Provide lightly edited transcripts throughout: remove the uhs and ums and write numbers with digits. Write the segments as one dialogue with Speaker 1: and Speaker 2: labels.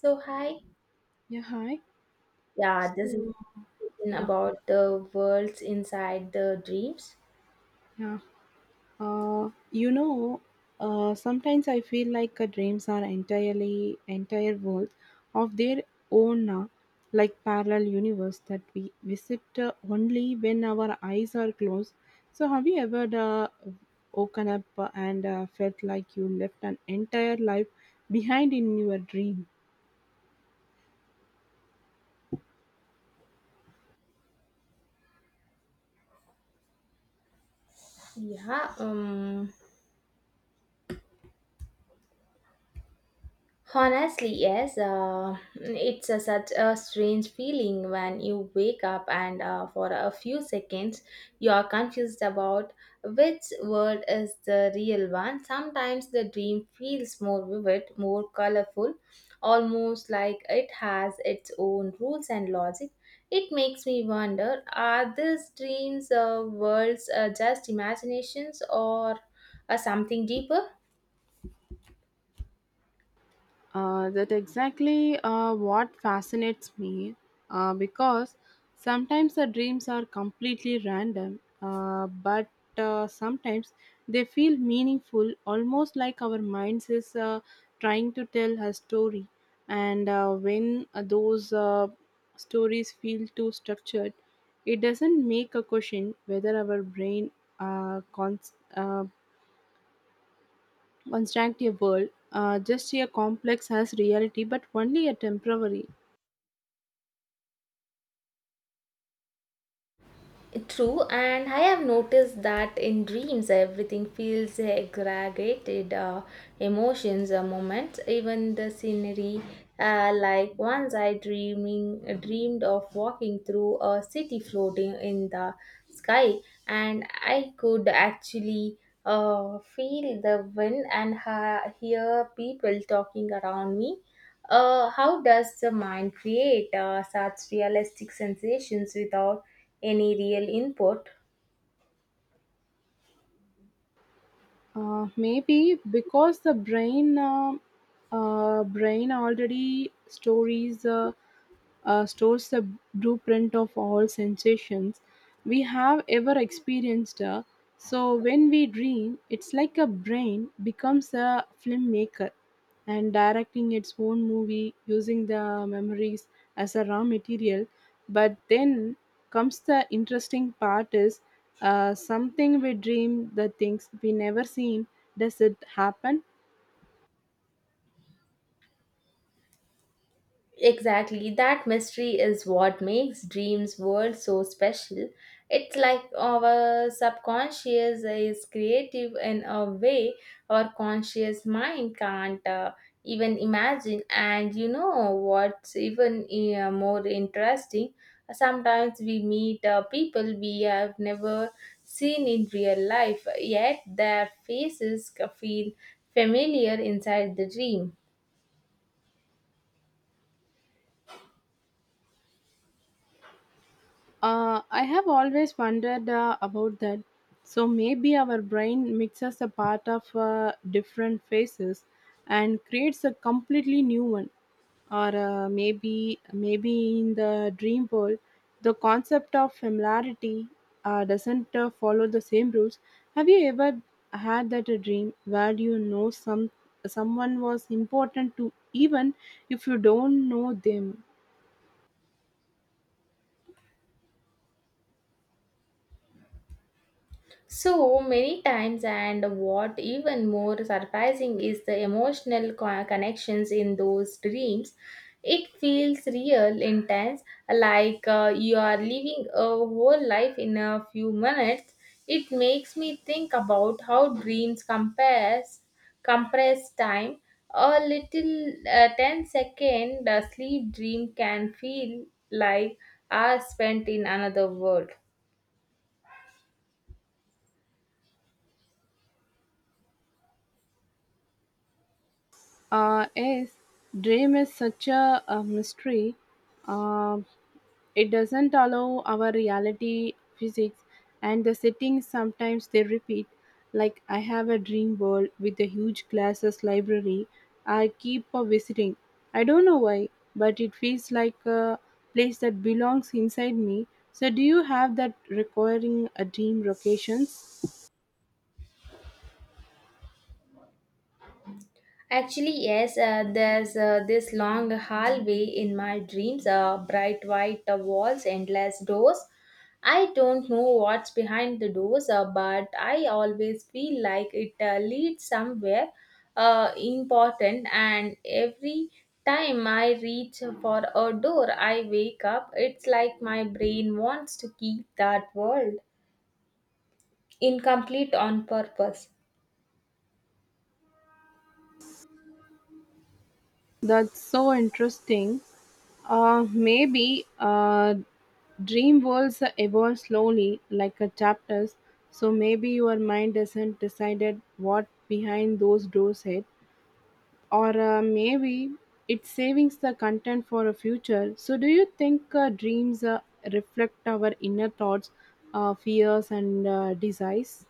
Speaker 1: So, hi.
Speaker 2: Yeah, hi.
Speaker 1: Yeah, this is
Speaker 2: So, yeah,
Speaker 1: about the worlds inside the dreams.
Speaker 2: yeah. Uh, you know, Sometimes I feel like dreams are entire worlds of their own, now, like parallel universe that we visit only when our eyes are closed. So, have you ever woken up and felt like you left an entire life behind in your dream?
Speaker 1: Yeah, um, Honestly, yes. It's such a strange feeling when you wake up and for a few seconds you are confused about which world is the real one. Sometimes the dream feels more vivid, more colorful, almost like it has its own rules and logic. It makes me wonder, are these dreams worlds just imaginations or something deeper?
Speaker 2: That exactly what fascinates me, because sometimes the dreams are completely random, but sometimes they feel meaningful, almost like our minds is trying to tell a story. And when those stories feel too structured, it doesn't make a question whether our brain uh, cons- uh, Constructive world, just a complex as reality, but only a temporary.
Speaker 1: True, and I have noticed that in dreams everything feels exaggerated, emotions, moments, even the scenery. Like once I dreaming dreamed of walking through a city floating in the sky, and I could actually feel the wind and hear people talking around me. How does the mind create such realistic sensations without any real input?
Speaker 2: Maybe because the brain already stories. Stores the blueprint of all sensations we have ever experienced. So when we dream, it's like a brain becomes a filmmaker and directing its own movie using the memories as a raw material. But then comes the interesting part is, something we dream the things we never seen. Does it happen?
Speaker 1: Exactly, that mystery is what makes dreams world so special. It's like our subconscious is creative in a way our conscious mind can't even imagine. And you know what's even more interesting? Sometimes we meet people we have never seen in real life, yet their faces feel familiar inside the dream.
Speaker 2: I have always wondered about that. So maybe our brain mixes a part of different phases and creates a completely new one. Or maybe in the dream world, the concept of familiarity doesn't follow the same rules. Have you ever had that a dream where you know someone was important to even if you don't know them?
Speaker 1: So many times, and what even more surprising is the emotional connections in those dreams. It feels real, intense, like you are living a whole life in a few minutes. It makes me think about how dreams compares compress time. A little 10 second sleep dream can feel like hours spent in another world.
Speaker 2: Yes, dream is such a mystery. Um it doesn't allow our reality physics and the settings sometimes they repeat. Like I have a dream world with a huge classes library. I keep visiting. I don't know why, but it feels like a place that belongs inside me. So do you have that requiring a dream locations?
Speaker 1: Actually, yes, there's this long hallway in my dreams, bright white walls, endless doors. I don't know what's behind the doors, but I always feel like it leads somewhere important, and every time I reach for a door, I wake up. It's like my brain wants to keep that world incomplete on purpose.
Speaker 2: That's so interesting. Maybe dream worlds evolve slowly, like a chapters. So maybe your mind doesn't decided what behind those doors yet, or maybe it savings the content for a future. So do you think dreams reflect our inner thoughts, fears, and desires?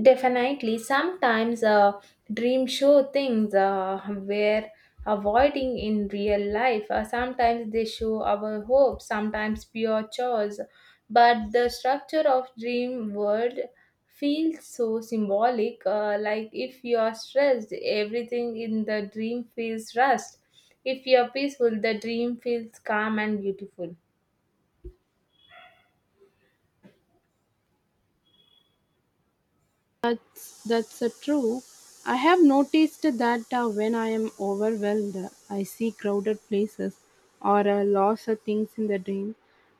Speaker 1: Definitely, sometimes dream show things we're avoiding in real life. Sometimes they show our hopes, sometimes pure chores. But the structure of dream world feels so symbolic. Like if you are stressed, everything in the dream feels rushed. If you are peaceful, the dream feels calm and beautiful.
Speaker 2: That's true. I have noticed that when I am overwhelmed, I see crowded places or lots of things in the dream,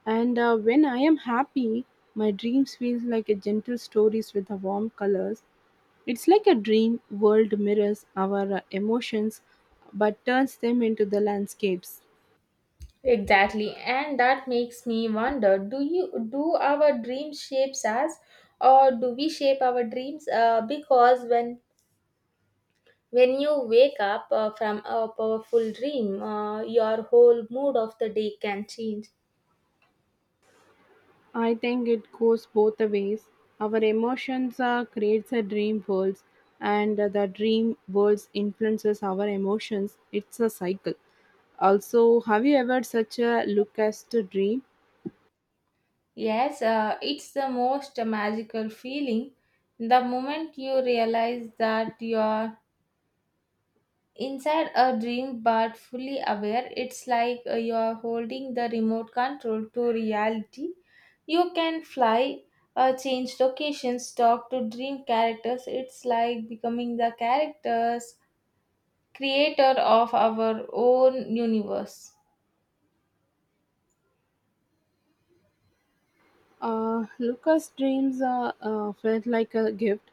Speaker 2: and when I am happy, my dreams feels like a gentle stories with the warm colors. It's like a dream world mirrors our emotions, but turns them into the landscapes.
Speaker 1: Exactly, and that makes me wonder: do our dreams shapes us, or do we shape our dreams? Because when you wake up from a powerful dream, your whole mood of the day can change.
Speaker 2: I think it goes both the ways. Our emotions creates a dream worlds, and the dream worlds influences our emotions. It's a cycle. Also, have you ever such a Lucas to dream?
Speaker 1: Yes, it's the most magical feeling. The moment you realize that your inside a dream but fully aware, it's like you're holding the remote control to reality, you can fly, change locations, talk to dream characters. It's like becoming the characters, creator of our own universe.
Speaker 2: Lucas dreams felt like a gift.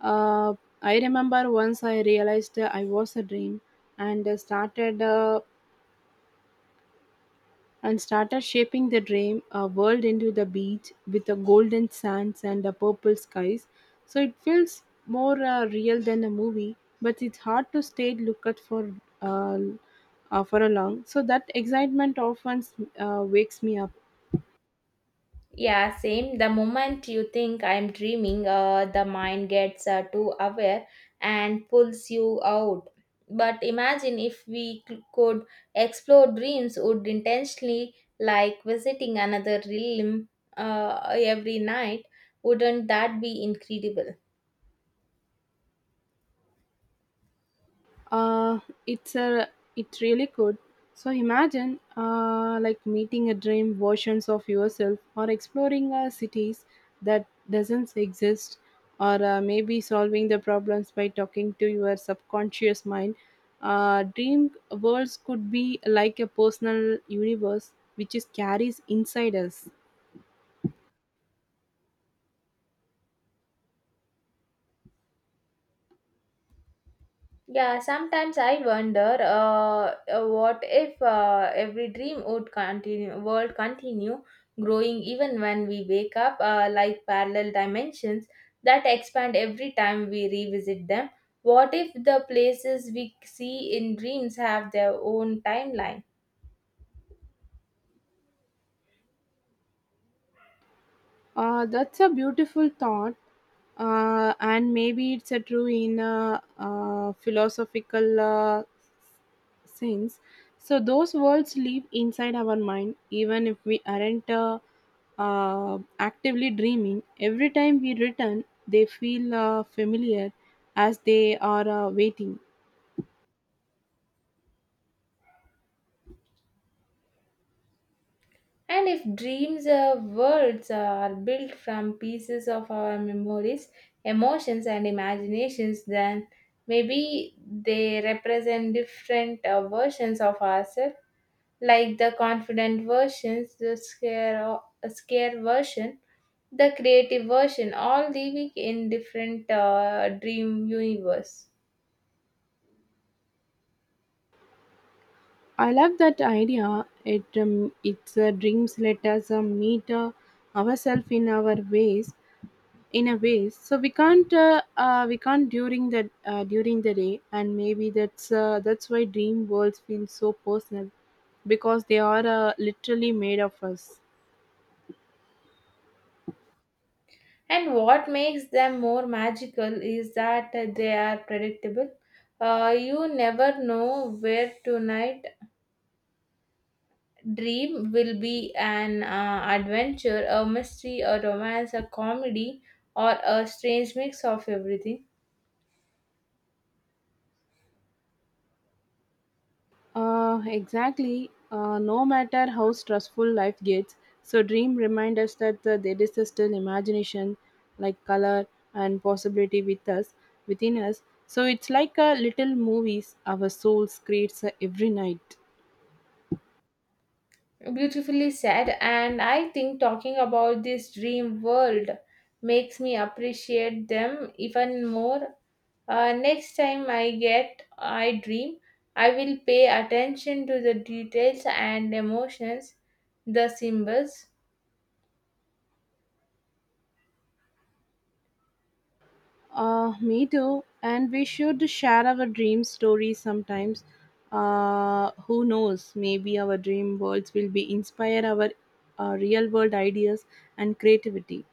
Speaker 2: Uh, I remember once I realized I was a dream and started and started shaping the dream world into the beach with the golden sands and the purple skies. So it feels more real than a movie, but it's hard to stay look at uh, for a long. So that excitement often wakes me up.
Speaker 1: Yeah, same. The moment you think I'm dreaming, the mind gets too aware and pulls you out. But imagine if we could explore dreams, would intentionally, like visiting another realm every night. Wouldn't that be incredible?
Speaker 2: uh it's a it really could, so imagine like meeting a dream versions of yourself or exploring cities that doesn't exist or maybe solving the problems by talking to your subconscious mind. Dream worlds could be like a personal universe which is carries inside us.
Speaker 1: Yeah, sometimes I wonder what if every world continue growing even when we wake up, like parallel dimensions that expand every time we revisit them. What if the places we see in dreams have their own timeline?
Speaker 2: That's a beautiful thought, and maybe it's a true in a, philosophical sense. So those words live inside our mind, even if we aren't actively dreaming. Every time we return, they feel familiar, as they are waiting.
Speaker 1: And if dreams words are built from pieces of our memories, emotions, and imaginations, then maybe they represent different versions of ourselves, like the confident versions, scare version, the creative version, all living in different dream universe.
Speaker 2: I love that idea. It it's Dreams let us meet ourselves in a way so we can't during the day, and maybe that's why dream worlds feel so personal because they are literally made of us.
Speaker 1: And what makes them more magical is that they are predictable. You never know where tonight dream will be an adventure, a mystery, a romance, a comedy, or a strange mix of everything.
Speaker 2: Exactly, no matter how stressful life gets, so dream remind us that there is still imagination like color and possibility within us, so it's like a little movies our souls creates every night.
Speaker 1: Beautifully said, and I think talking about this dream world makes me appreciate them even more. Next time I dream, I will pay attention to the details and emotions, the symbols.
Speaker 2: Me too. And we should share our dream stories sometimes. Who knows? Maybe our dream worlds will be inspire our real world ideas and creativity.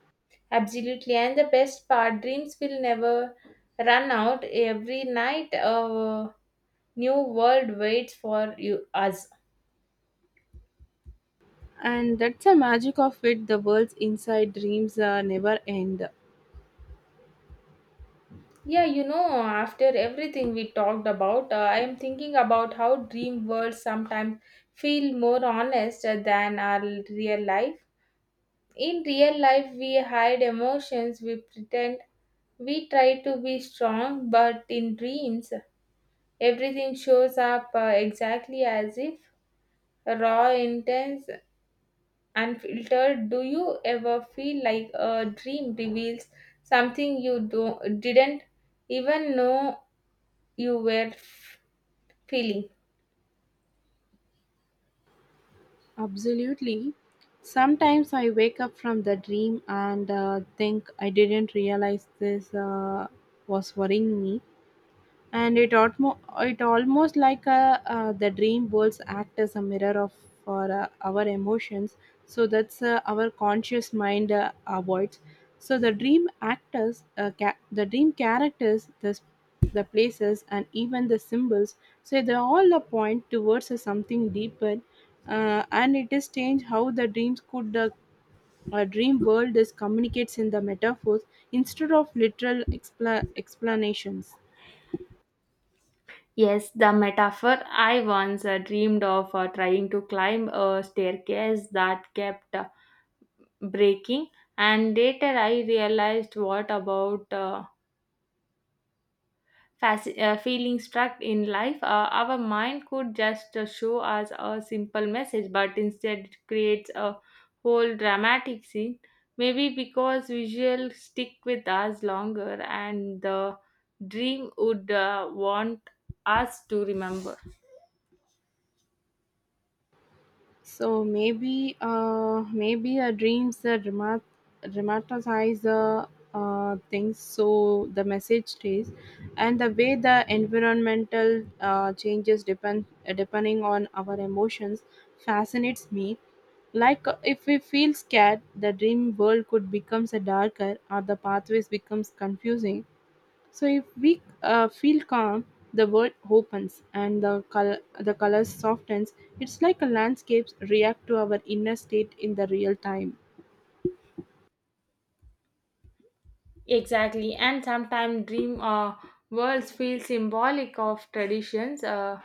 Speaker 1: Absolutely, and the best part, dreams will never run out. Every night, a new world waits for you us.
Speaker 2: And that's the magic of it. The world's inside dreams never end.
Speaker 1: Yeah, you know, after everything we talked about, I am thinking about how dream worlds sometimes feel more honest than our real life. In real life, we hide emotions, we pretend, we try to be strong, but in dreams, everything shows up exactly as if raw, intense, unfiltered. Do you ever feel like a dream reveals something you didn't even know you were feeling?
Speaker 2: Absolutely. Sometimes I wake up from the dream and think I didn't realize this was worrying me. And it almost like a, the dream worlds act as a mirror of for our emotions so that's our conscious mind avoids, so the dream actors the dream characters the places and even the symbols, so they all a point towards a something deeper. And it is strange how the dreams could the, a dream world is communicates in the metaphors instead of literal explanations.
Speaker 1: Yes, the metaphor, I once dreamed of trying to climb a staircase that kept breaking, and later I realized what about feeling stuck in life. Our mind could just show us a simple message, but instead it creates a whole dramatic scene. Maybe because visuals stick with us longer and the dream would want us to remember.
Speaker 2: So maybe our dreams dramatize things so the message stays, and the way the environmental changes depending on our emotions fascinates me. Like if we feel scared, the dream world could becomes a darker, or the pathways becomes confusing, so if we feel calm, the world opens and the colors softens. It's like a landscapes react to our inner state in the real time.
Speaker 1: Exactly, and sometimes dream worlds feel symbolic of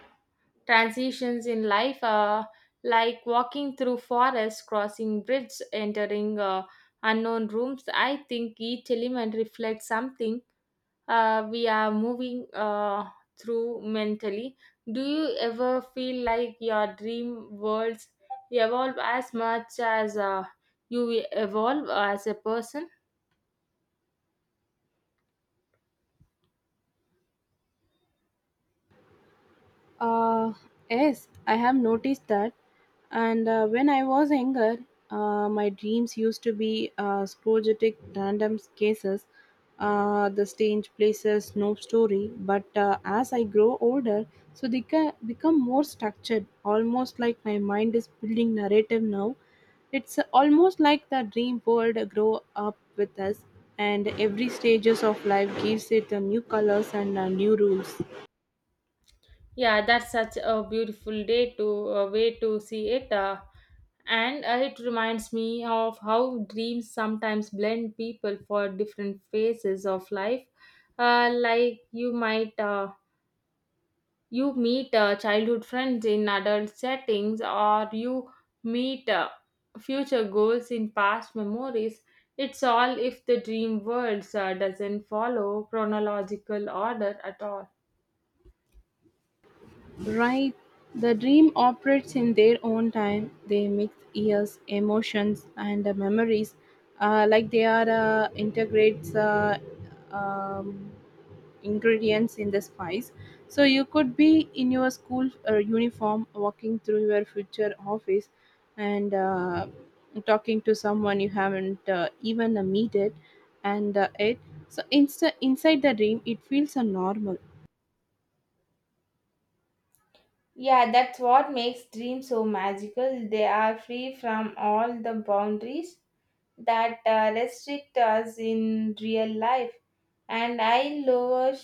Speaker 1: transitions in life, like walking through forests, crossing bridges, entering unknown rooms. I think each element reflects something we are moving through mentally. Do you ever feel like your dream worlds evolve as much as you evolve as a person?
Speaker 2: Uh, yes, I have noticed that. And when I was younger, my dreams used to be sporadic random cases, the strange places, no story. But as I grow older, so become more structured, almost like my mind is building narrative now. It's almost like the dream world grow up with us, and every stages of life gives it new colors and new rules.
Speaker 1: Yeah, that's such a beautiful day to a way to see it, and it reminds me of how dreams sometimes blend people for different phases of life. Like you might you meet childhood friends in adult settings, or you meet future goals in past memories. It's all if the dream worlds doesn't follow chronological order at all.
Speaker 2: Right, the dream operates in their own time. They mix years, emotions, and memories, like they are integrates um, ingredients in the spice. So you could be in your school uniform, walking through your future office, and talking to someone you haven't even meted, and it. So inside the dream, it feels normal.
Speaker 1: Yeah, that's what makes dreams so magical. They are free from all the boundaries that restrict us in real life. And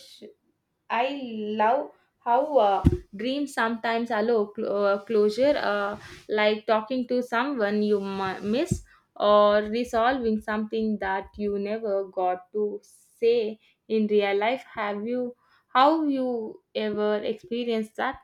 Speaker 1: I love how dreams sometimes allow closure, like talking to someone you miss or resolving something that you never got to say in real life. How you ever experienced that?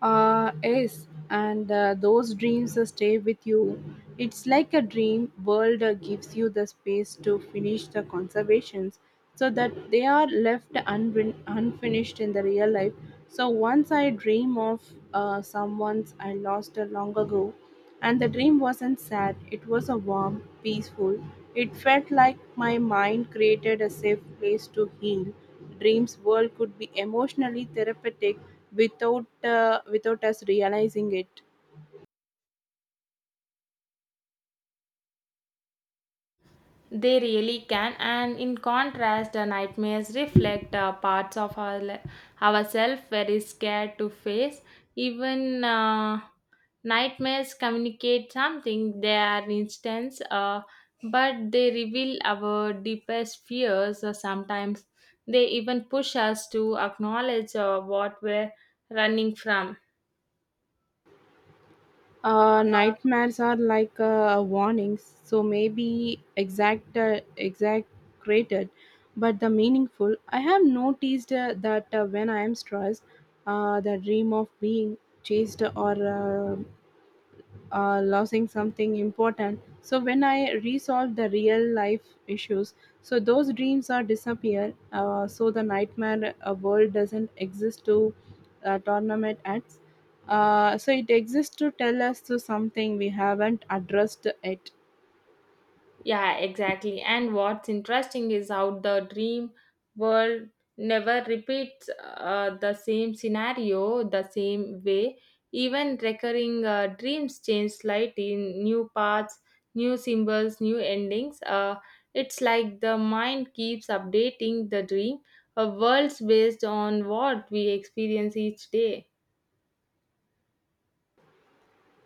Speaker 2: Yes, and those dreams stay with you. It's like a dream world gives you the space to finish the conservations so that they are left unfinished in the real life. So once I dream of someone I lost long ago, and the dream wasn't sad, it was a warm, peaceful. It felt like my mind created a safe place to heal. Dreams world could be emotionally therapeutic without without us realizing it.
Speaker 1: They really can, and in contrast, the nightmares reflect parts of our ourselves very scared to face. Even nightmares communicate something. They are instance, but they reveal our deepest fears. Sometimes they even push us to acknowledge what we're running from.
Speaker 2: Nightmares are like warnings, so maybe exact exaggerated, but the meaningful. I have noticed that when I am stressed, the dream of being chased or uh, losing something important. So when I resolve the real life issues, so those dreams are disappear. So the nightmare world doesn't exist to tournament acts. So it exists to tell us to something we haven't addressed it.
Speaker 1: Yeah, exactly. And what's interesting is how the dream world never repeats the same scenario the same way. Even recurring dreams change slightly in new paths, new symbols, new endings. It's like the mind keeps updating the dream, a world's based on what we experience each day.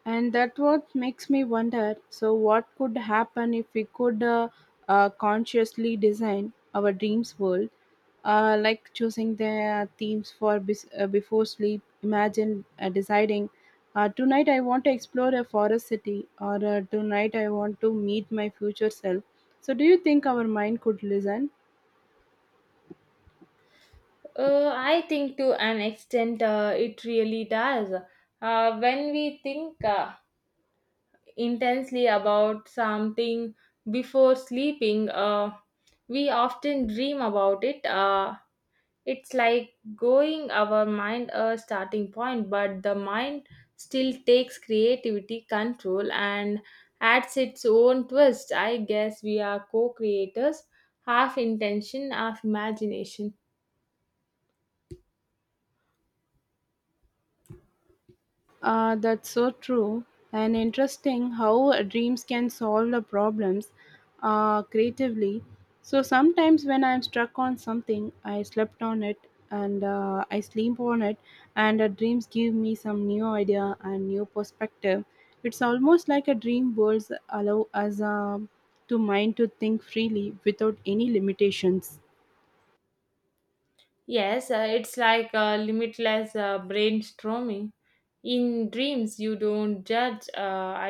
Speaker 2: And that what makes me wonder. So, what could happen if we could consciously design our dreams world, like choosing the themes for before sleep? Imagine deciding, tonight I want to explore a forest city, or tonight I want to meet my future self. So, do you think our mind could listen?
Speaker 1: I think to an extent it really does. When we think intensely about something before sleeping, we often dream about it. It's like going our mind a starting point, but the mind still takes creativity control and adds its own twist. I guess we are co creators, half intention, half imagination.
Speaker 2: That's so true. And interesting how dreams can solve the problems creatively. So sometimes when I'm stuck on something, I sleep on it, and the dreams give me some new idea and new perspective. It's almost like a dream worlds allow us to mind to think freely without any limitations.
Speaker 1: Yes, it's like a limitless brainstorming. In dreams, you don't judge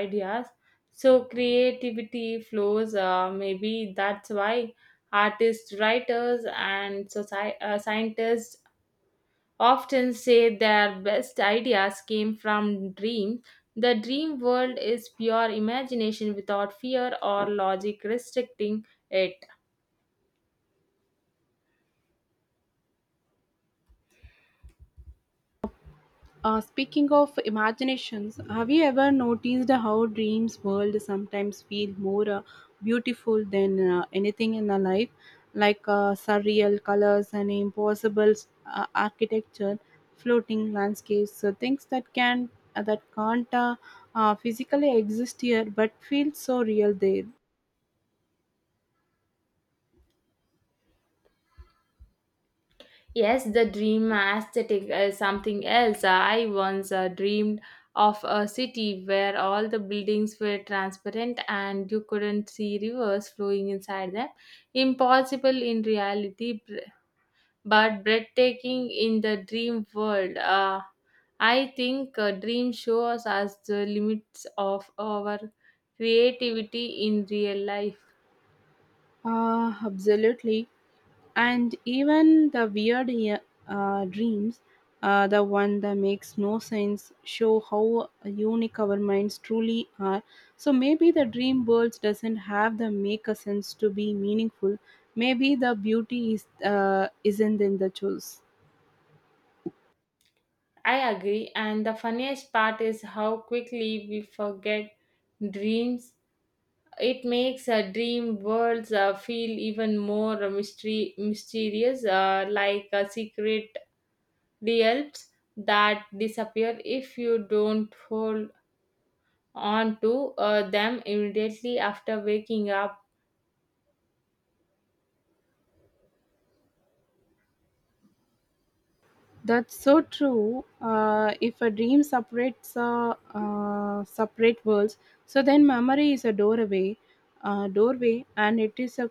Speaker 1: ideas, so creativity flows. Maybe that's why artists, writers, and scientists often say their best ideas came from dreams. The dream world is pure imagination without fear or logic restricting it.
Speaker 2: Speaking of imaginations, have you ever noticed how dreams world sometimes feel more beautiful than anything in our life, like surreal colors and impossible architecture, floating landscapes, so things that can that can't physically exist here but feel so real there.
Speaker 1: Yes, the dream aesthetic is something else. I once dreamed of a city where all the buildings were transparent and you couldn't see rivers flowing inside them. Impossible in reality, but breathtaking in the dream world. I think a dream shows us the limits of our creativity in real life.
Speaker 2: Absolutely. And even the weird, yeah, dreams, the one that makes no sense show how unique our minds truly are, so maybe the dream world doesn't have the make a sense to be meaningful. Maybe the beauty is isn't in the choice.
Speaker 1: I agree, and the funniest part is how quickly we forget dreams. It makes dream worlds feel even more mystery mysterious, like secret realms that disappear if you don't hold on to them immediately after waking up.
Speaker 2: That's so true. If a dream separates separate worlds, so then memory is a doorway, and it is a,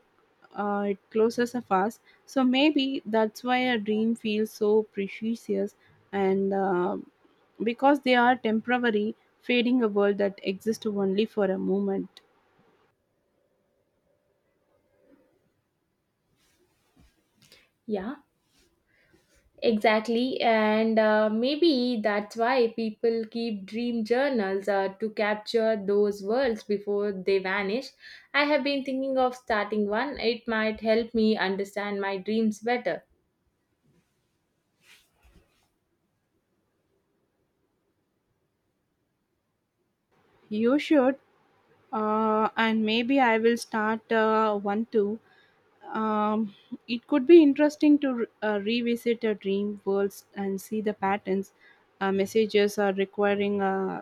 Speaker 2: it closes a fast. So maybe that's why a dream feels so precious, and because they are temporary, fading a world that exists only for a moment.
Speaker 1: Yeah. Exactly, and maybe that's why people keep dream journals to capture those worlds before they vanish. I have been thinking of starting one, it might help me understand my dreams better.
Speaker 2: You should, and maybe I will start one too. Um, it could be interesting to revisit a dream worlds and see the patterns, messages are requiring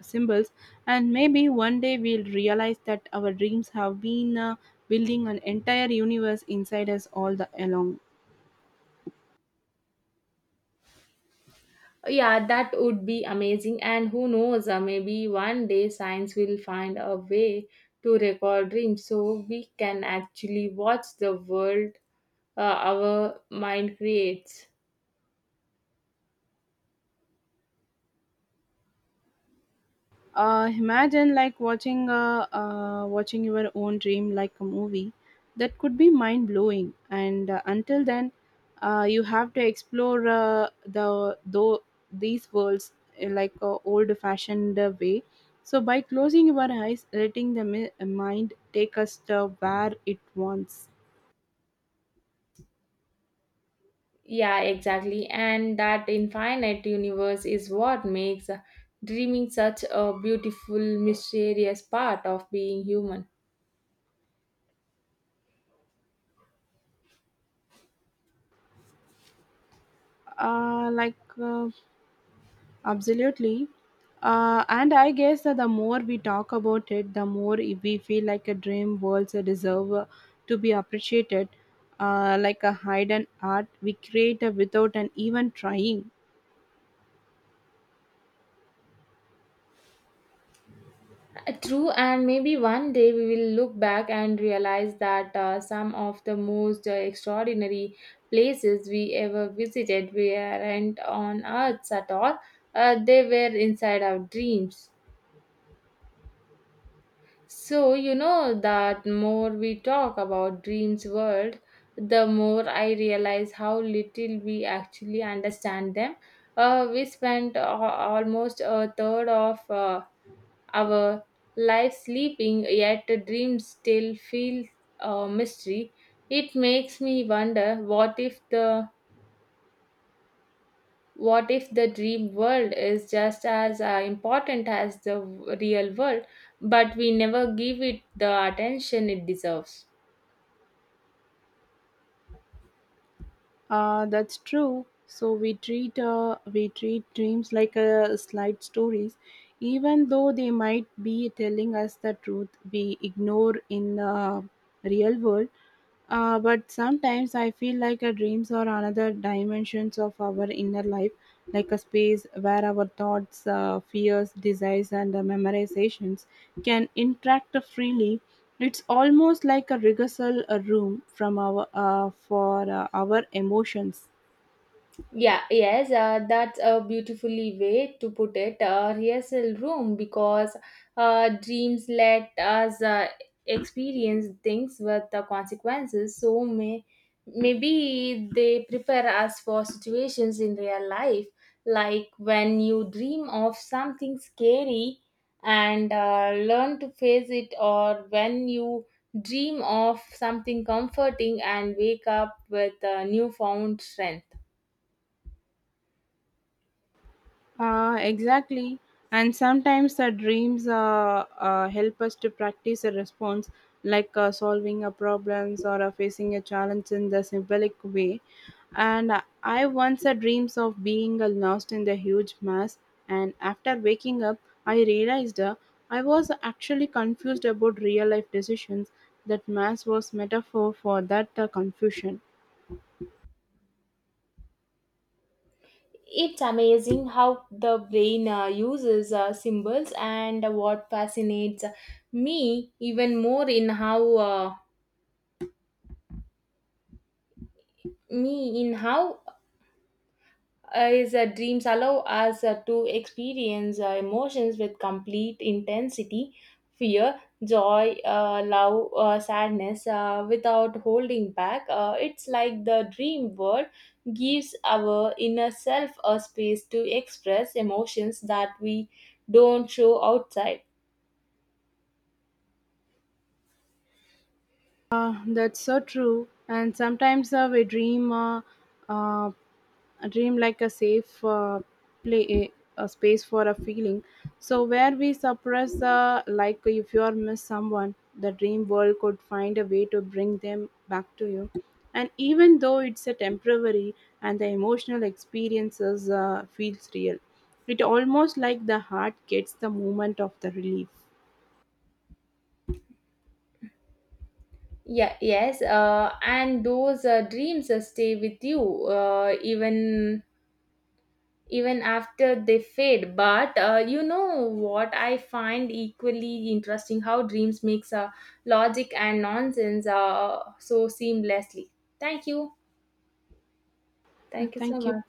Speaker 2: symbols, and maybe one day we'll realize that our dreams have been building an entire universe inside us all the along.
Speaker 1: Yeah, that would be amazing, and who knows, maybe one day science will find a way to record dreams so we can actually watch the world our mind creates.
Speaker 2: Imagine like watching your own dream like a movie. That could be mind blowing. And until then, you have to explore these worlds in like a old fashioned way. So by closing your eyes, letting mind take us to where it wants.
Speaker 1: Yeah, exactly. And that infinite universe is what makes dreaming such a beautiful, mysterious part of being human.
Speaker 2: Uh, like uh, Absolutely. And I guess that the more we talk about it, the more we feel like a dream worlds deserve to be appreciated, like a hidden art we create without an even trying.
Speaker 1: True, and maybe one day we will look back and realize that some of the most extraordinary places we ever visited weren't on Earth at all, they were inside our dreams. So, you know that more we talk about dreams world, the more I realize how little we actually understand them. We spent almost a third of our life sleeping, yet the dreams still feel a mystery. It makes me wonder what if the dream world is just as important as the real world, but we never give it the attention it deserves?
Speaker 2: That's true. So we treat dreams like slight stories, even though they might be telling us the truth we ignore in the real world. But sometimes I feel like our dreams are another dimensions of our inner life, like a space where our thoughts, fears, desires, and memorizations can interact freely. It's almost like a rehearsal room from our for our emotions.
Speaker 1: Yeah, yes, that's a beautifully way to put it. Rehearsal room, because dreams let us experience things with the consequences. So maybe they prepare us for situations in real life, like when you dream of something scary and learn to face it, or when you dream of something comforting and wake up with newfound strength.
Speaker 2: Exactly. And sometimes the dreams help us to practice a response, like solving a problems or facing a challenge in the symbolic way. And I once had dreams of being lost in the huge mass. And after waking up, I realized I was actually confused about real life decisions. That mass was metaphor for that confusion.
Speaker 1: It's amazing how the brain uses symbols, and what fascinates me even more in how uh, me in how is that dreams allow us to experience emotions with complete intensity, fear, joy, love, sadness, without holding back. It's like the dream world gives our inner self a space to express emotions that we don't show outside.
Speaker 2: That's so true. And sometimes we dream, uh, a dream like a safe play, a space for a feeling. So where we suppress, like if you are miss someone, the dream world could find a way to bring them back to you. And even though it's a temporary, and the emotional experiences feels real, it almost like the heart gets the moment of the relief.
Speaker 1: Yeah yes, and those dreams stay with you even after they fade. But you know what I find equally interesting, how dreams makes logic and nonsense so seamlessly. thank you Thank you so
Speaker 2: Thank you.
Speaker 1: much.